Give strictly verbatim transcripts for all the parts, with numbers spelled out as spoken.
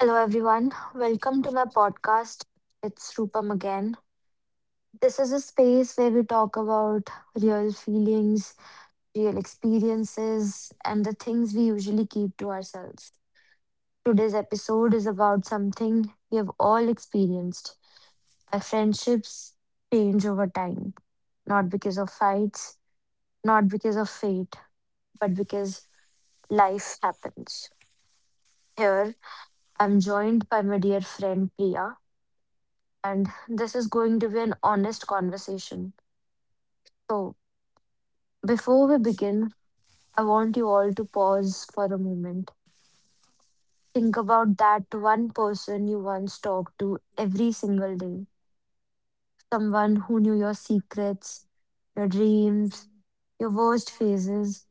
Hello, everyone. Welcome to my podcast. It's Rupam again. This is a space where we talk about real feelings, real experiences, and the things we usually keep to ourselves. Today's episode is about something we have all experienced. Our friendships change over time, not because of fights, not because of fate, but because life happens. Here, I'm joined by my dear friend Priya, and this is going to be an honest conversation. So, before we begin, I want you all to pause for a moment. Think about that one person you once talked to every single day, someone who knew your secrets, your dreams, your worst phases,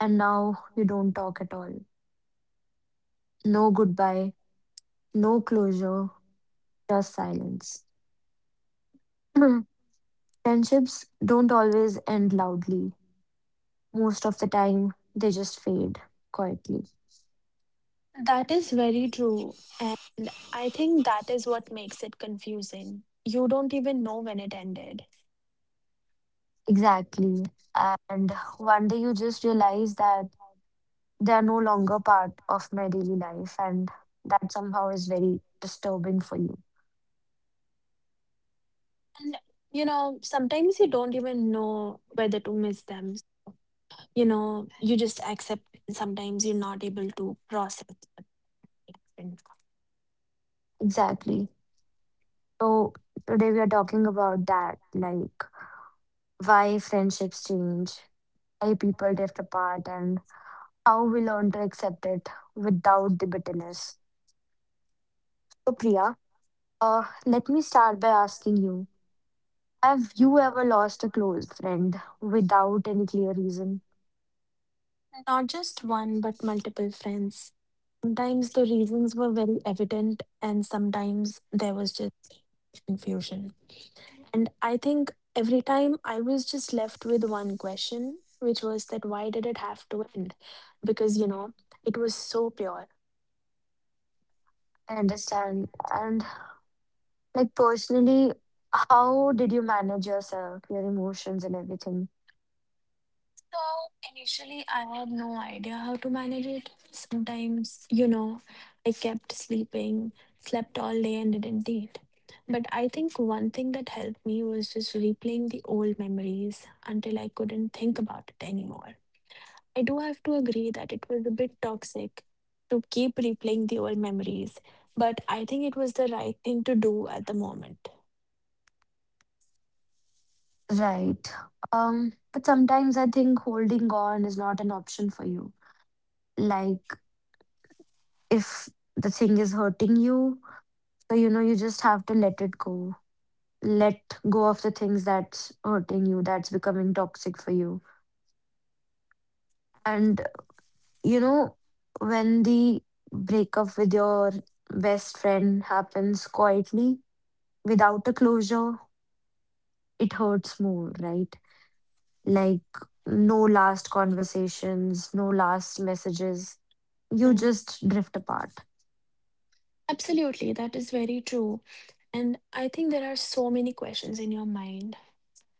and now you don't talk at all. No goodbye, no closure, just silence. Friendships don't always end loudly. Most of the time, they just fade quietly. Exactly. And one day you just realize that they are no longer part of my daily life, and that somehow is very disturbing for you. Exactly. So, today we are talking about that, like, why friendships change, why people drift apart, and how we learn to accept it without the bitterness. So, Priya, uh, let me start by asking you, have you ever lost a close friend without any clear reason? Not just one, but multiple friends. Sometimes the reasons were very evident, and sometimes there was just confusion. And I think every time I was just left with one question, which was that why did it have to end? Because, you know, it was so pure. I understand. And like, personally, how did you manage yourself, your emotions and everything? So initially, I had no idea how to manage it. Sometimes, you know, I kept sleeping, slept all day, and didn't eat. But I think one thing that helped me was just replaying the old memories until I couldn't think about it anymore. I do have to agree that it was a bit toxic to keep replaying the old memories, but I think it was the right thing to do at the moment. Right. Um, but sometimes I think holding on is not an option for you. Like, if the thing is hurting you, so you know, you just have to let it go. Let go of the things that's hurting you, that's becoming toxic for you. And you know, when the breakup with your best friend happens quietly, without a closure, it hurts more, right? Like, no last conversations, no last messages. You Mm. just drift apart. Absolutely, that is very true. And I think there are so many questions in your mind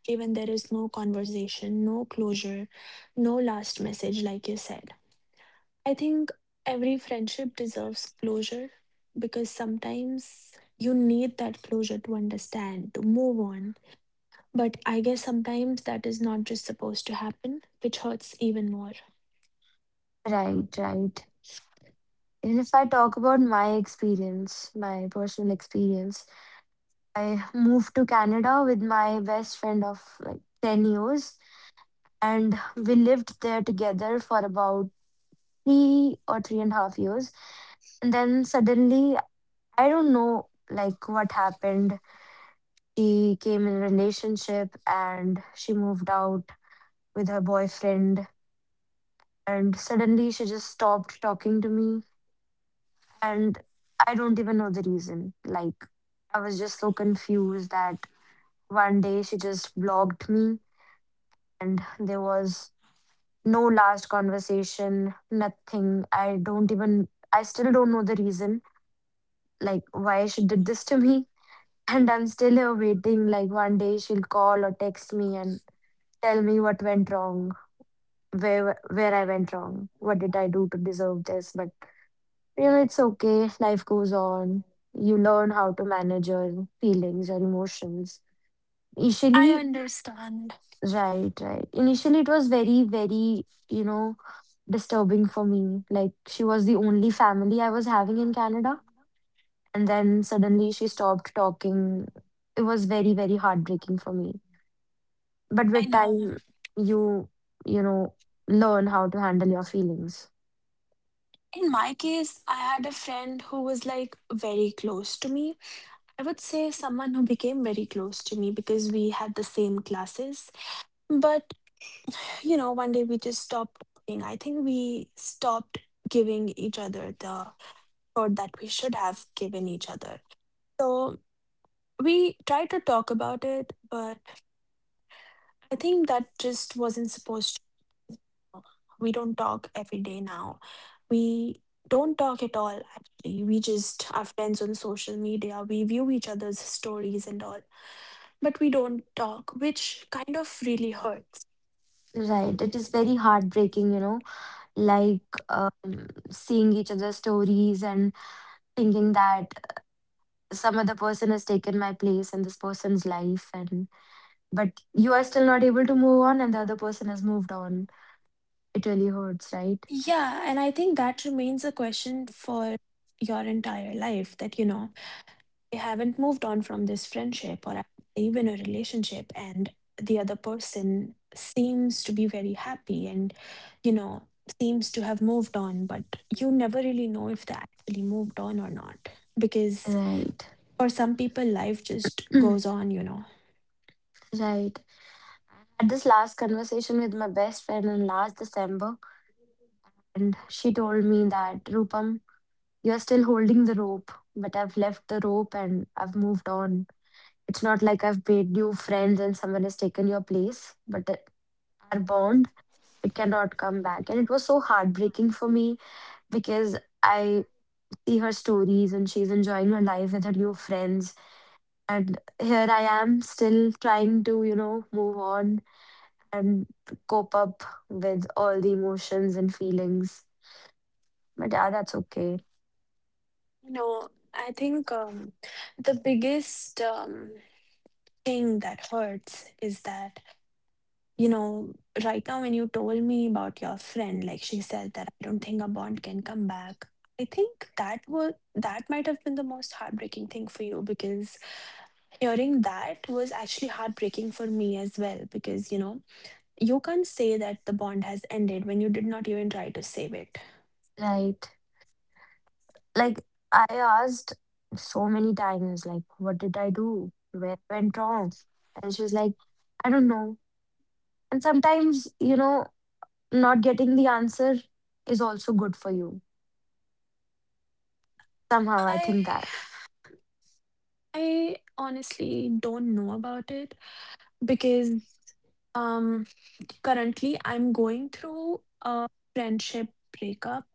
even there is no conversation, no closure, no last message, like you said. I think every friendship deserves closure because sometimes you need that closure to understand, to move on. But I guess sometimes that is not just supposed to happen, which hurts even more. Right, right. And if I talk about my experience, my personal experience, I moved to Canada with my best friend of like ten years, and we lived there together for about three or three and a half years. And then suddenly, I don't know like what happened. She came in a relationship and she moved out with her boyfriend, and suddenly she just stopped talking to me. And I don't even know the reason. Like, I was just so confused that one day she just blocked me, and there was no last conversation, nothing. i don't even I still don't know the reason like why she did this to me. And I'm still here waiting, like one day she'll call or text me and tell me what went wrong, where where I went wrong, what did I do to deserve this. But you know, it's okay. Life goes on. You learn how to manage your feelings, your emotions. I Initially, understand. right, right. Initially, it was very, very, you know, disturbing for me. Like, she was the only family I was having in Canada. And then suddenly she stopped talking. It was very, very heartbreaking for me. But I with know. time, you, you know, learn how to handle your feelings. In my case, I had a friend who was like very close to me. I would say someone who became very close to me because we had the same classes. But you know, one day we just stopped talking. I think we stopped giving each other the thought that we should have given each other. So we tried to talk about it, but I think that just wasn't supposed to. We don't talk every day now. We don't talk at all, actually. We just are friends on social media. We view each other's stories and all, but we don't talk, which kind of really hurts. Right. It is very heartbreaking, you know, like, um, seeing each other's stories and thinking that some other person has taken my place in this person's life, and but you are still not able to move on and the other person has moved on. It really hurts, right? Yeah, and I think that remains a question for your entire life that, you know, I haven't moved on from this friendship or even a relationship, and the other person seems to be very happy and, you know, seems to have moved on, but you never really know if they actually moved on or not. Because Right. for some people, life just Mm, goes on, you know. right. I had this last conversation with my best friend in last December, and she told me that, Rupam, you're still holding the rope, but I've left the rope and I've moved on. It's not like I've made new friends and someone has taken your place, but our bond, it cannot come back. And it was so heartbreaking for me because I see her stories and she's enjoying her life with her new friends, and here I am still trying to, you know, move on and cope up with all the emotions and feelings. But yeah, that's okay. No, I think um, the biggest um, thing that hurts is that you know, right now when you told me about your friend, like she said that I don't think a bond can come back. I think that was that might have been the most heartbreaking thing for you because hearing that was actually heartbreaking for me as well because you know you can't say that the bond has ended when you did not even try to save it. Right. Like, I asked so many times, like, what did I do, where went wrong, and she was like, I don't know. And sometimes, you know, not getting the answer is also good for you. Somehow, I I think that. I honestly don't know about it because um currently I'm going through a friendship breakup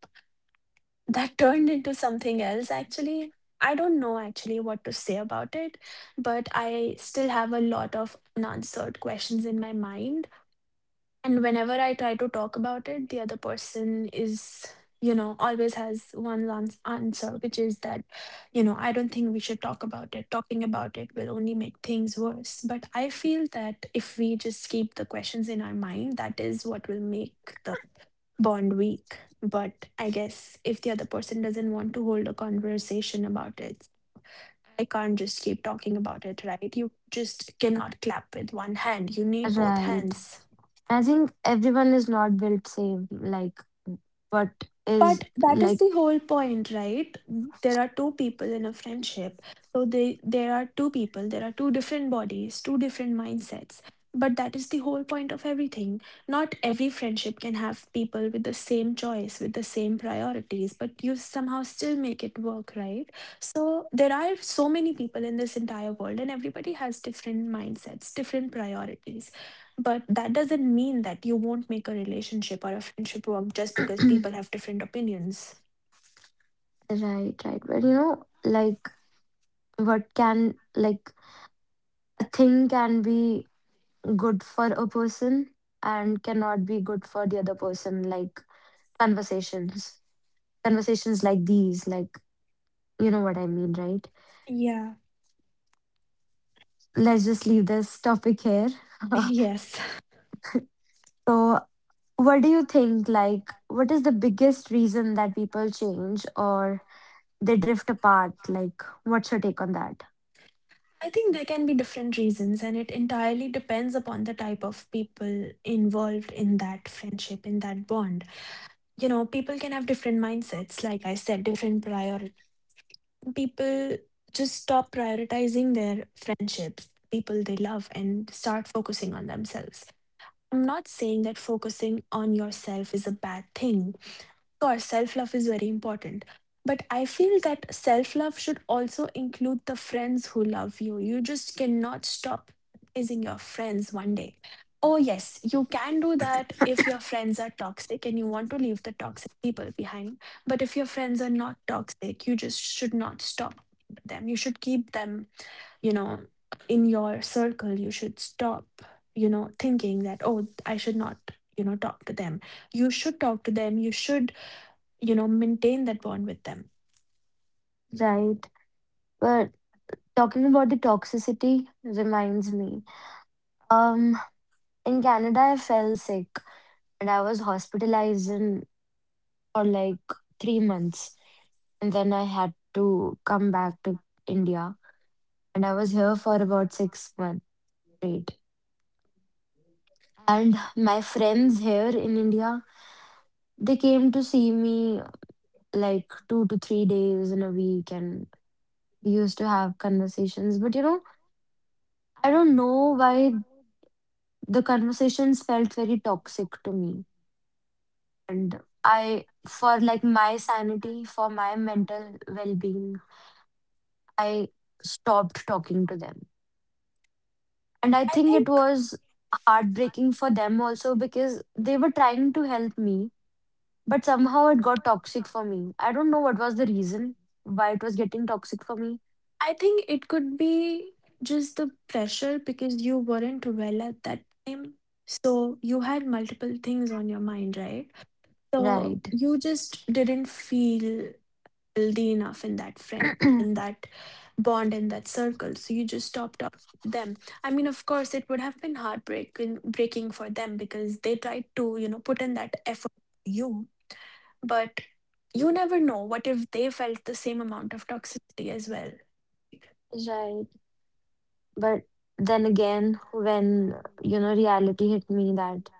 that turned into something else actually. I don't know actually what to say about it, but I still have a lot of unanswered questions in my mind. And whenever I try to talk about it, the other person is, you know, always has one ans- answer, which is that, you know, I don't think we should talk about it. Talking about it will only make things worse. But I feel that if we just keep the questions in our mind, that is what will make the bond weak. But I guess if the other person doesn't want to hold a conversation about it, I can't just keep talking about it, right? You just cannot clap with one hand. You need both Right. hands. I think everyone is not built same, like, what is, But that is like, the whole point, right? There are two people in a friendship. So they there are two people, there are two different bodies, two different mindsets. But that is the whole point of everything. Not every friendship can have people with the same choice, with the same priorities, but you somehow still make it work, right? So there are so many people in this entire world, and everybody has different mindsets, different priorities. But that doesn't mean that you won't make a relationship or a friendship work just because people have different opinions. right, right. But you know, like, what can, like, a thing can be good for a person and cannot be good for the other person, like, conversations. Conversations like these, like, you know what I mean, right? Yeah. Let's just leave this topic here. Yes, So, what do you think? Like, what is the biggest reason that people change or they drift apart? Like, what's your take on that? I think there can be different reasons, and it entirely depends upon the type of people involved in that friendship, in that bond. You know, people can have different mindsets, like I said, different priority. People just stop prioritizing their friendships, people they love, and start focusing on themselves. I'm not saying that focusing on yourself is a bad thing. Course, self love is very important. But I feel that self love should also include the friends who love you. You just cannot stop praising your friends one day. Oh, yes, you can do that if your friends are toxic and you want to leave the toxic people behind. But if your friends are not toxic, you just should not stop them. You should keep them, you know, in your circle. You should stop, you know, thinking that, oh, I should not, you know, talk to them. You should talk to them. You should you know maintain that bond with them. Right. But talking about the toxicity reminds me. Um, in Canada, I fell sick and I was hospitalized in, for like three months. And then I had to come back to India. And I was here for about six months straight. And my friends here in India, they came to see me like two to three days in a week, and we used to have conversations. But you know, I don't know why the conversations felt very toxic to me. And I, for like my sanity, for my mental well-being, I stopped talking to them. And I i think it think was heartbreaking for them also, because they were trying to help me, but somehow it got toxic for me. I don't know what was the reason why it was getting toxic for me. I think it could be just the pressure because you weren't well at that time. So you had multiple things on your mind, right? So Right. you just didn't feel healthy enough in that friend in that bond, in that circle, so you just stopped up them. I mean, of course it would have been heartbreaking breaking for them because they tried to, you know, put in that effort for you. But you never know, what if they felt the same amount of toxicity as well. Right. But then again, when, you know, reality hit me that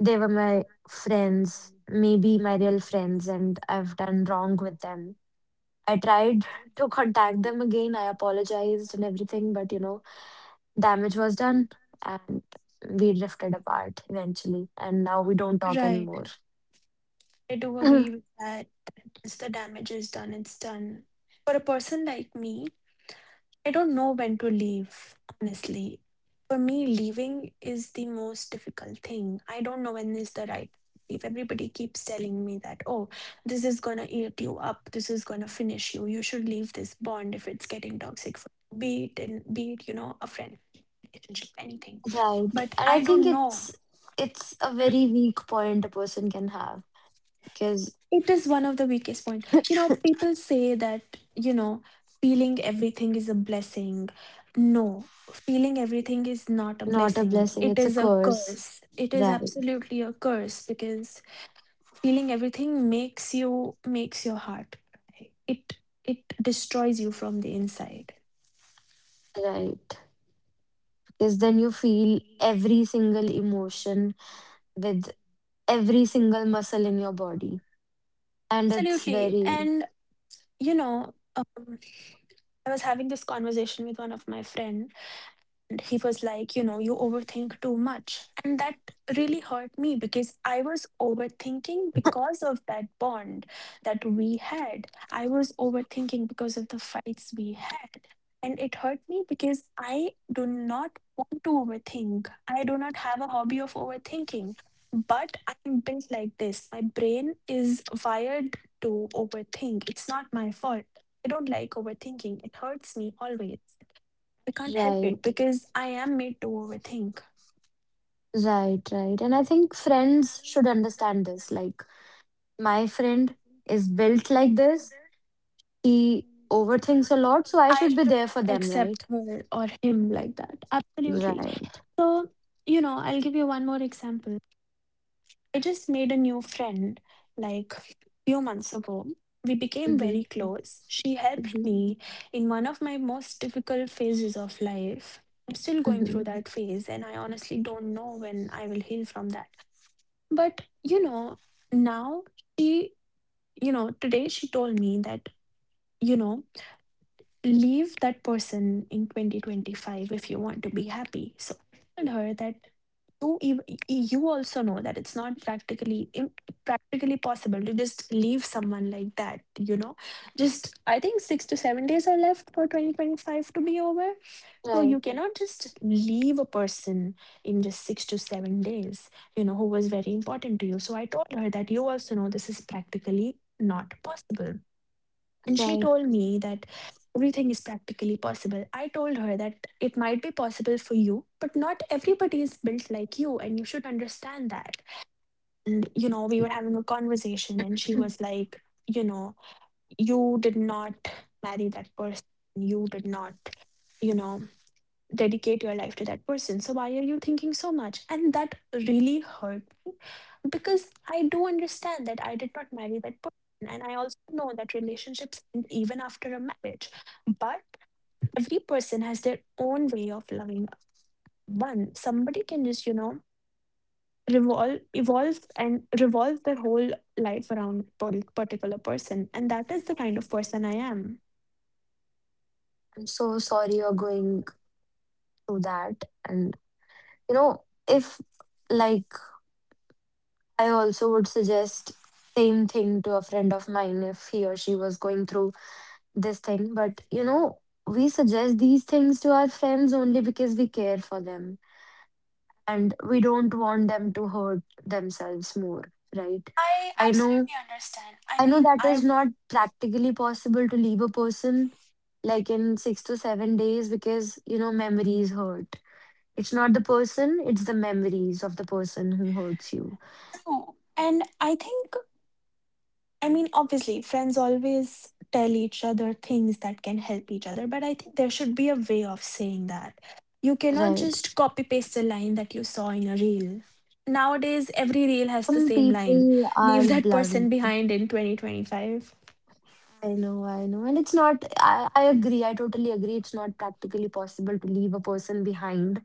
they were my friends, maybe my real friends, and I've done wrong with them. I tried to contact them again. I apologized and everything, but you know, damage was done, and we drifted apart eventually. And now we don't talk Right. anymore. I do agree with that. Once the damage is done, it's done. For a person like me, I don't know when to leave, honestly. For me, leaving is the most difficult thing. I don't know when is the right leave. Everybody keeps telling me that, oh, this is gonna eat you up, this is gonna finish you. You should leave this bond if it's getting toxic for you. Be it and be it, you know, a friend, relationship, anything. Right. But And I I think don't know. it's it's a very weak point a person can have because It is one of the weakest point. You know, people say that, you know, feeling everything is a blessing. No, feeling everything is not a not a blessing. blessing, It it's a is a curse. curse. It is Right, absolutely a curse because feeling everything makes you makes your heart cry. It it destroys you from the inside. right. Because then you feel every single emotion with every single muscle in your body. And it's Absolutely. very And you know, um, I was having this conversation with one of my friends. And he was like, you know, you overthink too much. And that really hurt me because I was overthinking because of that bond that we had. I was overthinking because of the fights we had. And it hurt me because I do not want to overthink. I do not have a hobby of overthinking. But I'm built like this. My brain is wired to overthink. It's not my fault. I don't like overthinking. It hurts me always. I can't help it right, because I am made to overthink. right, right. And I think friends should understand this. Like, my friend is built like this, he overthinks a lot, so I I should be should there for them, right? accept her or him like that. Absolutely. Right. So, you know, I'll give you one more example. I just made a new friend like few months ago. We became Mm-hmm. very close. She helped Mm-hmm. me in one of my most difficult phases of life. I'm still going Mm-hmm. through that phase, and I honestly don't know when I will heal from that. But, you know, now she, you know, today she told me that you know, leave that person in twenty twenty-five if you want to be happy. So I told her that you ev- you also know that it's not practically im- practically possible to just leave someone like that, you know. Just I think six to seven days are left for twenty twenty-five to be over. So Right. you cannot just leave a person in just six to seven days, you know, who was very important to you. So I told her that you also know this is practically not possible. And she Right. told me that everything is practically possible. I told her that it might be possible for you, but not everybody is built like you, and you should understand that. And, you know, we were having a conversation, and she was like, you know, you did not marry that person. You did not, you know, dedicate your life to that person. So why are you thinking so much? And that really hurt me because I do understand that I did not marry that person. And I also know that relationships end even after a marriage. But every person has their own way of loving one. Somebody can just, you know, revolve evolve and revolve their whole life around per- particular person. And that is the kind of person I am. I'm so sorry you're going through that. And, you know, if like I also would suggest same thing to a friend of mine if he or she was going through this thing. But you know, we suggest these things to our friends only because we care for them and we don't want them to hurt themselves more, right? I I know, absolutely understand. I I know mean, that is I not practically possible to leave a person like in six to seven days, because you know memories hurt. It's not the person, it's the memories of the person who hurts you. do. And I think I mean, obviously, friends always tell each other things that can help each other, but I think there should be a way of saying that. You cannot Right. just copy paste a line that you saw in a reel. Nowadays, every reel has the Some same line. people Leave are that person blunt. behind in twenty twenty-five. I know, I know. And it's not, I, I agree, I totally agree. It's not practically possible to leave a person behind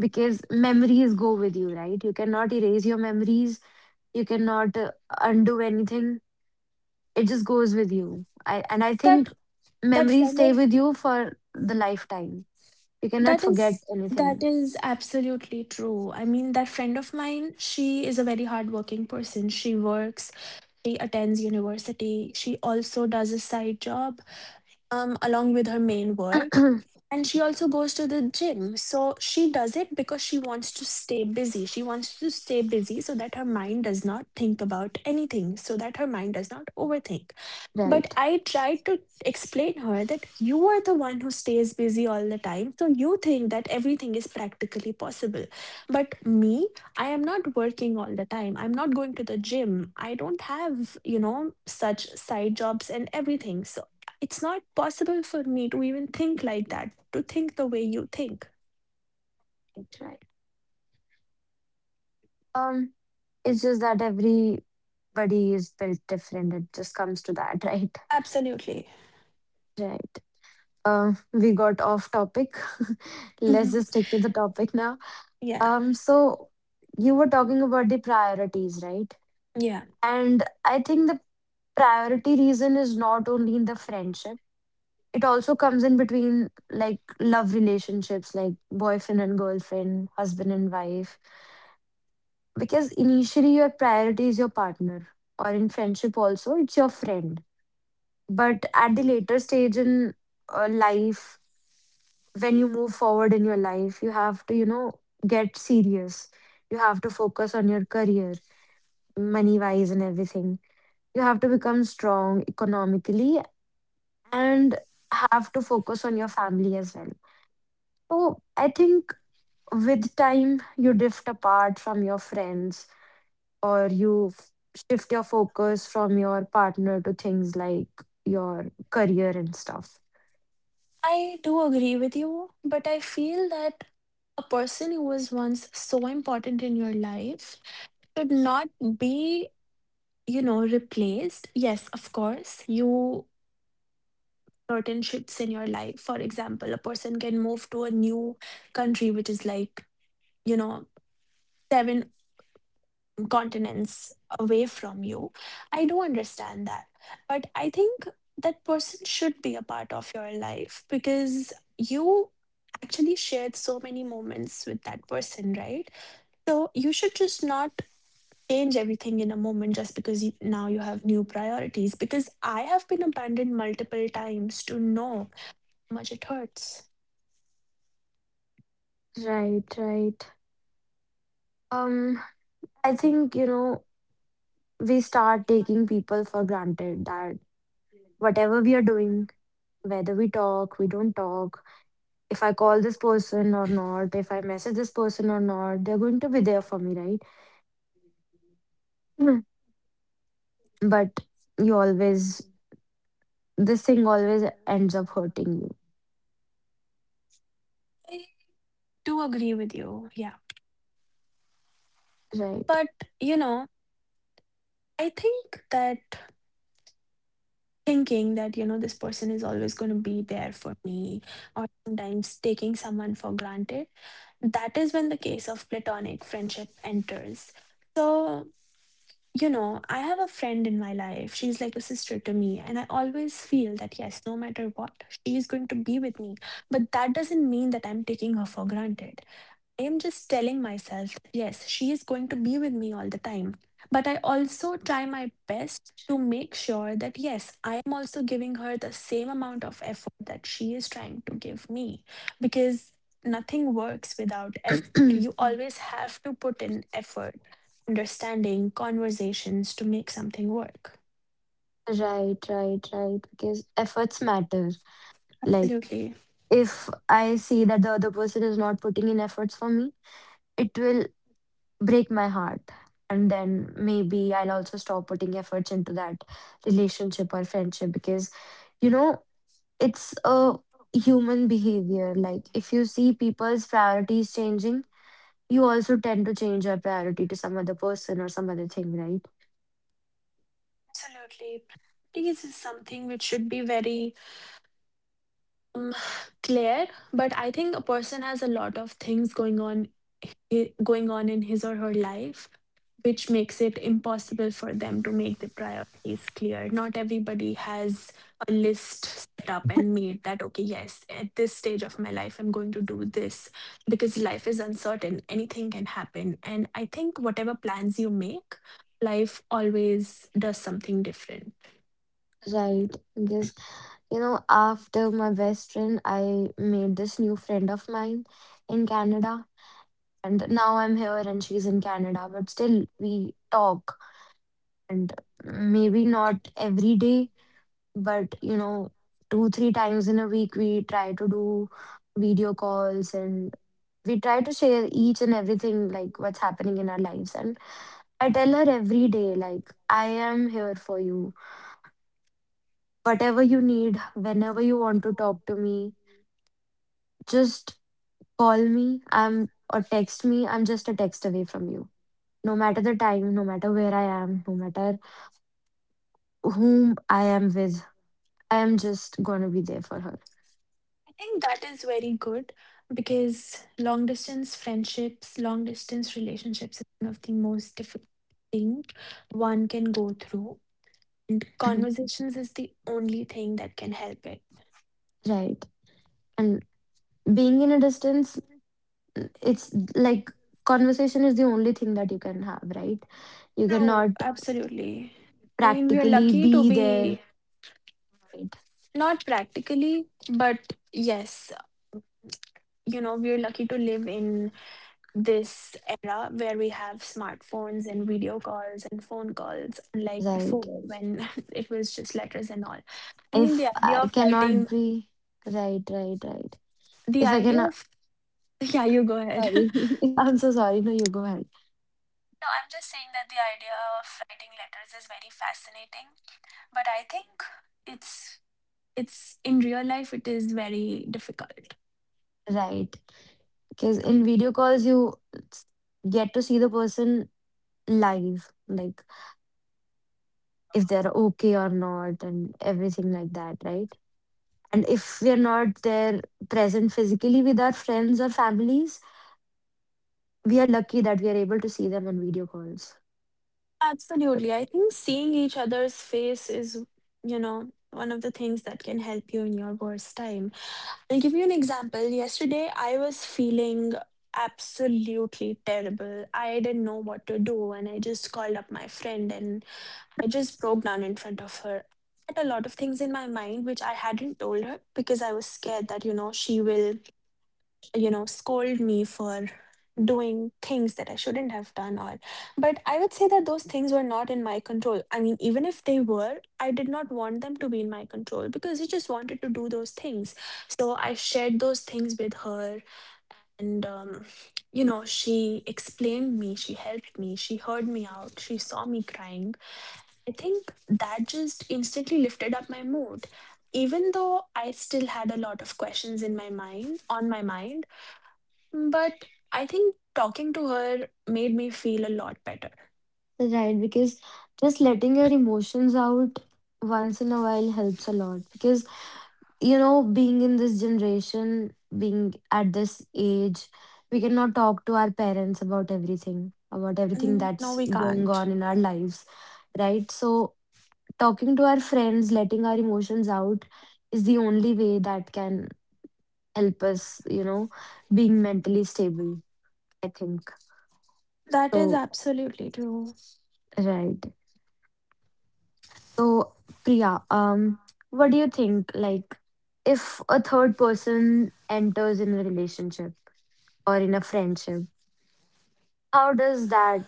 because memories go with you, right? You cannot erase your memories, you cannot uh, undo anything. It just goes with you. I and I That think that memories friend stay of with you for the lifetime. You cannot that forget is that anything. is absolutely true. I mean, that friend of mine, she is a very hardworking person. She works, she attends university, she also does a side job um, along with her main work. And she also goes to the gym. So she does it because she wants to stay busy. She wants to stay busy so that her mind does not think about anything, so that her mind does not overthink. But Right. I tried to explain her that you are the one who stays busy all the time. So you think that everything is practically possible. But me, I am not working all the time. I'm not going to the gym. I don't have, you know, such side jobs and everything. So it's not possible for me to even think like that, to think the way you think. Right, right. Um, it's just that everybody is built different. It just comes to that, right? Absolutely. Right. Um, we got off topic. Let's Hmm. just stick to the topic now. Yeah. Um, so, you were talking about the priorities, right? Yeah, And I think the priority reason is not only in the friendship. It also comes in between like love relationships, like boyfriend and girlfriend, husband and wife. Because initially your priority is your partner, or in friendship also, it's your friend. But at the later stage in uh, life, when you move forward in your life, you have to, you know, get serious. You have to focus on your career, money wise, and everything. You have to become strong economically and have to focus on your family as well. So, I think with time, you drift apart from your friends or you f- shift your focus from your partner to things like your career and stuff. I do agree with you, but I feel that a person who was once so important in your life should not be, you know, replaced. Yes, of course, you certain shifts in your life. For example, a person can move to a new country, which is like, you know, seven continents away from you. I do understand that. But I think that person should be a part of your life because you actually shared so many moments with that person, right? So you should just not change everything in a moment just because you, now you have new priorities. Because I have been abandoned multiple times to know how much it hurts. Right, right. Um, I think, you know, we start taking people for granted that whatever we are doing, whether we talk, we don't talk, if I call this person or not, if I message this person or not, they're going to be there for me, right? Mm. But you always, this thing always ends up hurting you, I do agree with you. Yeah. right? But, you know, I think that thinking that you know this person is always going to be there for me, or sometimes taking someone for granted, that is when the case of platonic friendship enters. So you know I have a friend in my life, she's like a sister to me, and I always feel that yes, no matter what, she is going to be with me. But that doesn't mean that I'm taking her for granted. I am just telling myself that yes, she is going to be with me all the time. But I also try my best to make sure that yes, I am also giving her the same amount of effort that she is trying to give me, because nothing works without effort. You always have to put in effort, understanding, conversations to make something work. Right, right, right. Because efforts matter. Like, Absolutely. if I see that the other person is not putting in efforts for me, it will break my heart. And then maybe I'll also stop putting efforts into that relationship or friendship because, you know, it's a human behavior. Like, if you see people's priorities changing, you also tend to change your priority to some other person or some other thing, right? Absolutely. Practice is something which should be very Um, clear, but I think a person has a lot of things going on, i- going on in his or her life, which makes it impossible for them to make the priorities clear. Not everybody has a list set up and made that, okay, yes, at this stage of my life, I'm going to do this, because life is uncertain. Anything can happen. And I think whatever plans you make, life always does something different. Right. Because, you know, after my best friend, I made this new friend of mine in Canada. And now I'm here and she's in Canada, but still we talk and maybe not every day, but you know, two, three times in a week, we try to do video calls and we try to share each and everything, like what's happening in our lives. And I tell her every day, like, I am here for you. Whatever you need, whenever you want to talk to me, just call me. I'm or text me. I'm just a text away from you. No matter the time, no matter where I am, no matter whom I am with, I am just going to be there for her. I think that is very good because long distance friendships, long distance relationships is one of the most difficult thing one can go through. And Mhm. conversations is the only thing that can help it. Right. And being in a distance, mm, it's like conversation is the only thing that you can have, right? You True, cannot absolutely. I mean, we are practically lucky to be there. be Right. not practically, but yes, you know, we are lucky to live in this era where we have smartphones and video calls and phone calls, unlike Right. before when it was just letters and all. I mean, If the I idea of cannot writing, be. Right, right, right. the If I idea cannot. of, yeah, you go ahead. Sorry. I'm so sorry. No, you go ahead. No, I'm just saying that the idea of writing letters is very fascinating, but I think it's it's in real life it is very difficult. Right. Because in video calls, you s- get to see the person live, like if they're okay or not, and everything like that, right? And if we are not there present physically with our friends or families, we are lucky that we are able to see them on video calls. Absolutely. I think seeing each other's face is, you know, one of the things that can help you in your worst time. I'll give you an example. Yesterday, I was feeling absolutely terrible. I didn't know what to do, and I just called up my friend and I just broke down in front of her. I had a lot of things in my mind which I hadn't told her because I was scared that, you know, she will, you know, scold me for doing things that I shouldn't have done, or but I would say that those things were not in my control. I mean even if they were, I did not want them to be in my control because I just wanted to do those things. So I shared those things with her and um you know she explained me, she helped me, she heard me out, she saw me crying. I think that just instantly lifted up my mood even though I still had a lot of questions in my mind, on my mind, but I think talking to her made me feel a lot better. Right, because just letting your emotions out once in a while helps a lot. Because, you know, being in this generation, being at this age, we cannot talk to our parents about everything, about everything Mm, no, that's we going can't. on in our lives, right? So, talking to our friends, letting our emotions out is the only way that can help us, you know, being mentally stable, I think. That is So, absolutely true. right. So, Priya, um, what do you think? Like, if a third person enters in a relationship or in a friendship, how does that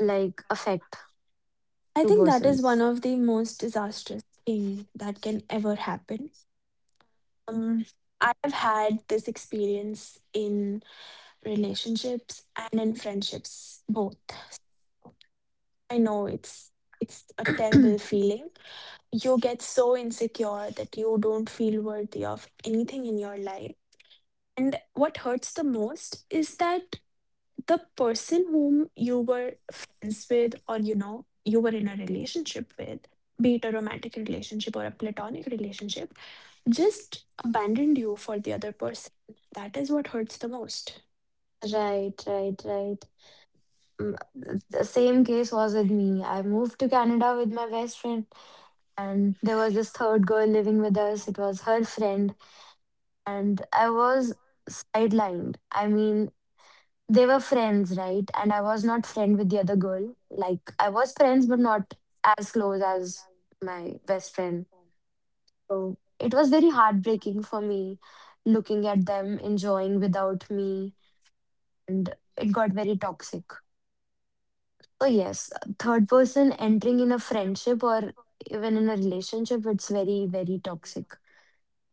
like affect I two think that is one persons? of the most disastrous thing that can ever happen. Um, I have had this experience in relationships and in friendships both. I know it's it's a terrible feeling. You get so insecure that you don't feel worthy of anything in your life. And what hurts the most is that the person whom you were friends with, or you know you were in a relationship with, be it a romantic relationship or a platonic relationship, just abandoned you for the other person. That is what hurts the most. Right, right, right. Mm, The same case was with me. I moved to Canada with my best friend, and there was this third girl living with us. It was her friend and I was sidelined. I mean, they were friends, right? And I was not friend with the other girl. Like I was friends, but not as close as my best friend. So it was very heartbreaking for me looking at them enjoying without me, and it got very toxic. So yes, third person entering in a friendship or even in a relationship, it's very very toxic.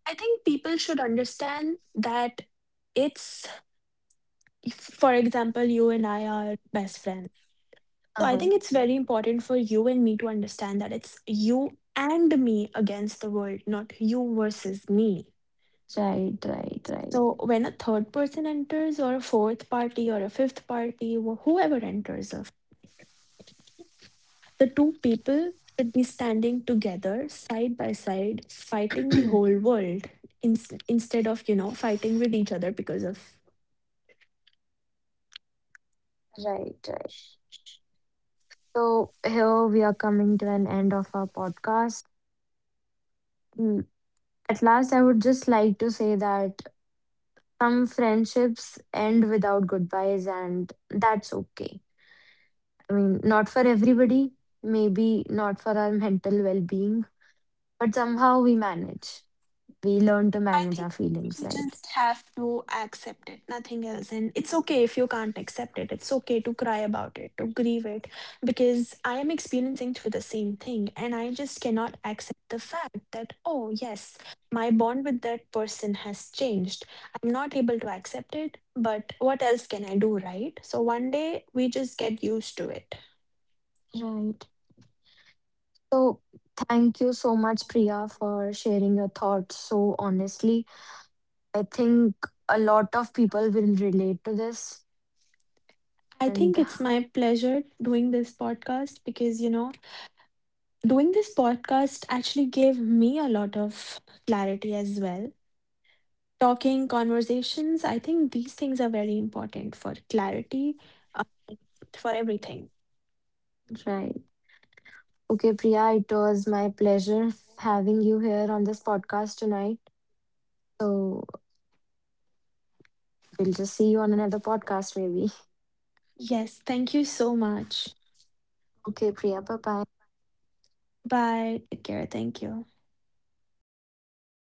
I think people should understand that it's, if for example you and I are best friends, so Uh I huh. think it's very important for you and me to understand that it's you and me against the world, not you versus me. Right, right, right, So when a third person enters, or a fourth party, or a fifth party, wh- whoever enters, uh, the two people should be standing together, side by side, fighting the whole world ins- instead of, you know, fighting with each other because of. right, right. So here we are coming to an end of our podcast. Mm, At last, I would just like to say that some friendships end without goodbyes, and that's okay. I mean, not for everybody, maybe not for our mental well being, but somehow we manage. We learn to I manage think our feelings, you right? just have to accept it, nothing else. And it's okay if you can't accept it. It's okay to cry about it, to grieve it, because I am experiencing through the same thing. And I just cannot accept the fact that, oh, yes, my bond with that person has changed. I'm not able to accept it, but what else can I do, right? So one day we just get used to it. Right. So, thank you so much, Priya, for sharing your thoughts so honestly. I think a lot of people will relate to this. I And think it's my pleasure doing this podcast because, you know, doing this podcast actually gave me a lot of clarity as well. Talking, conversations, I think these things are very important for clarity, uh, for everything. right. Okay, Priya, it was my pleasure having you here on this podcast tonight. So we'll just see you on another podcast, maybe. Yes, thank you so much. Okay, Priya, bye bye. Bye. Take care. Thank you.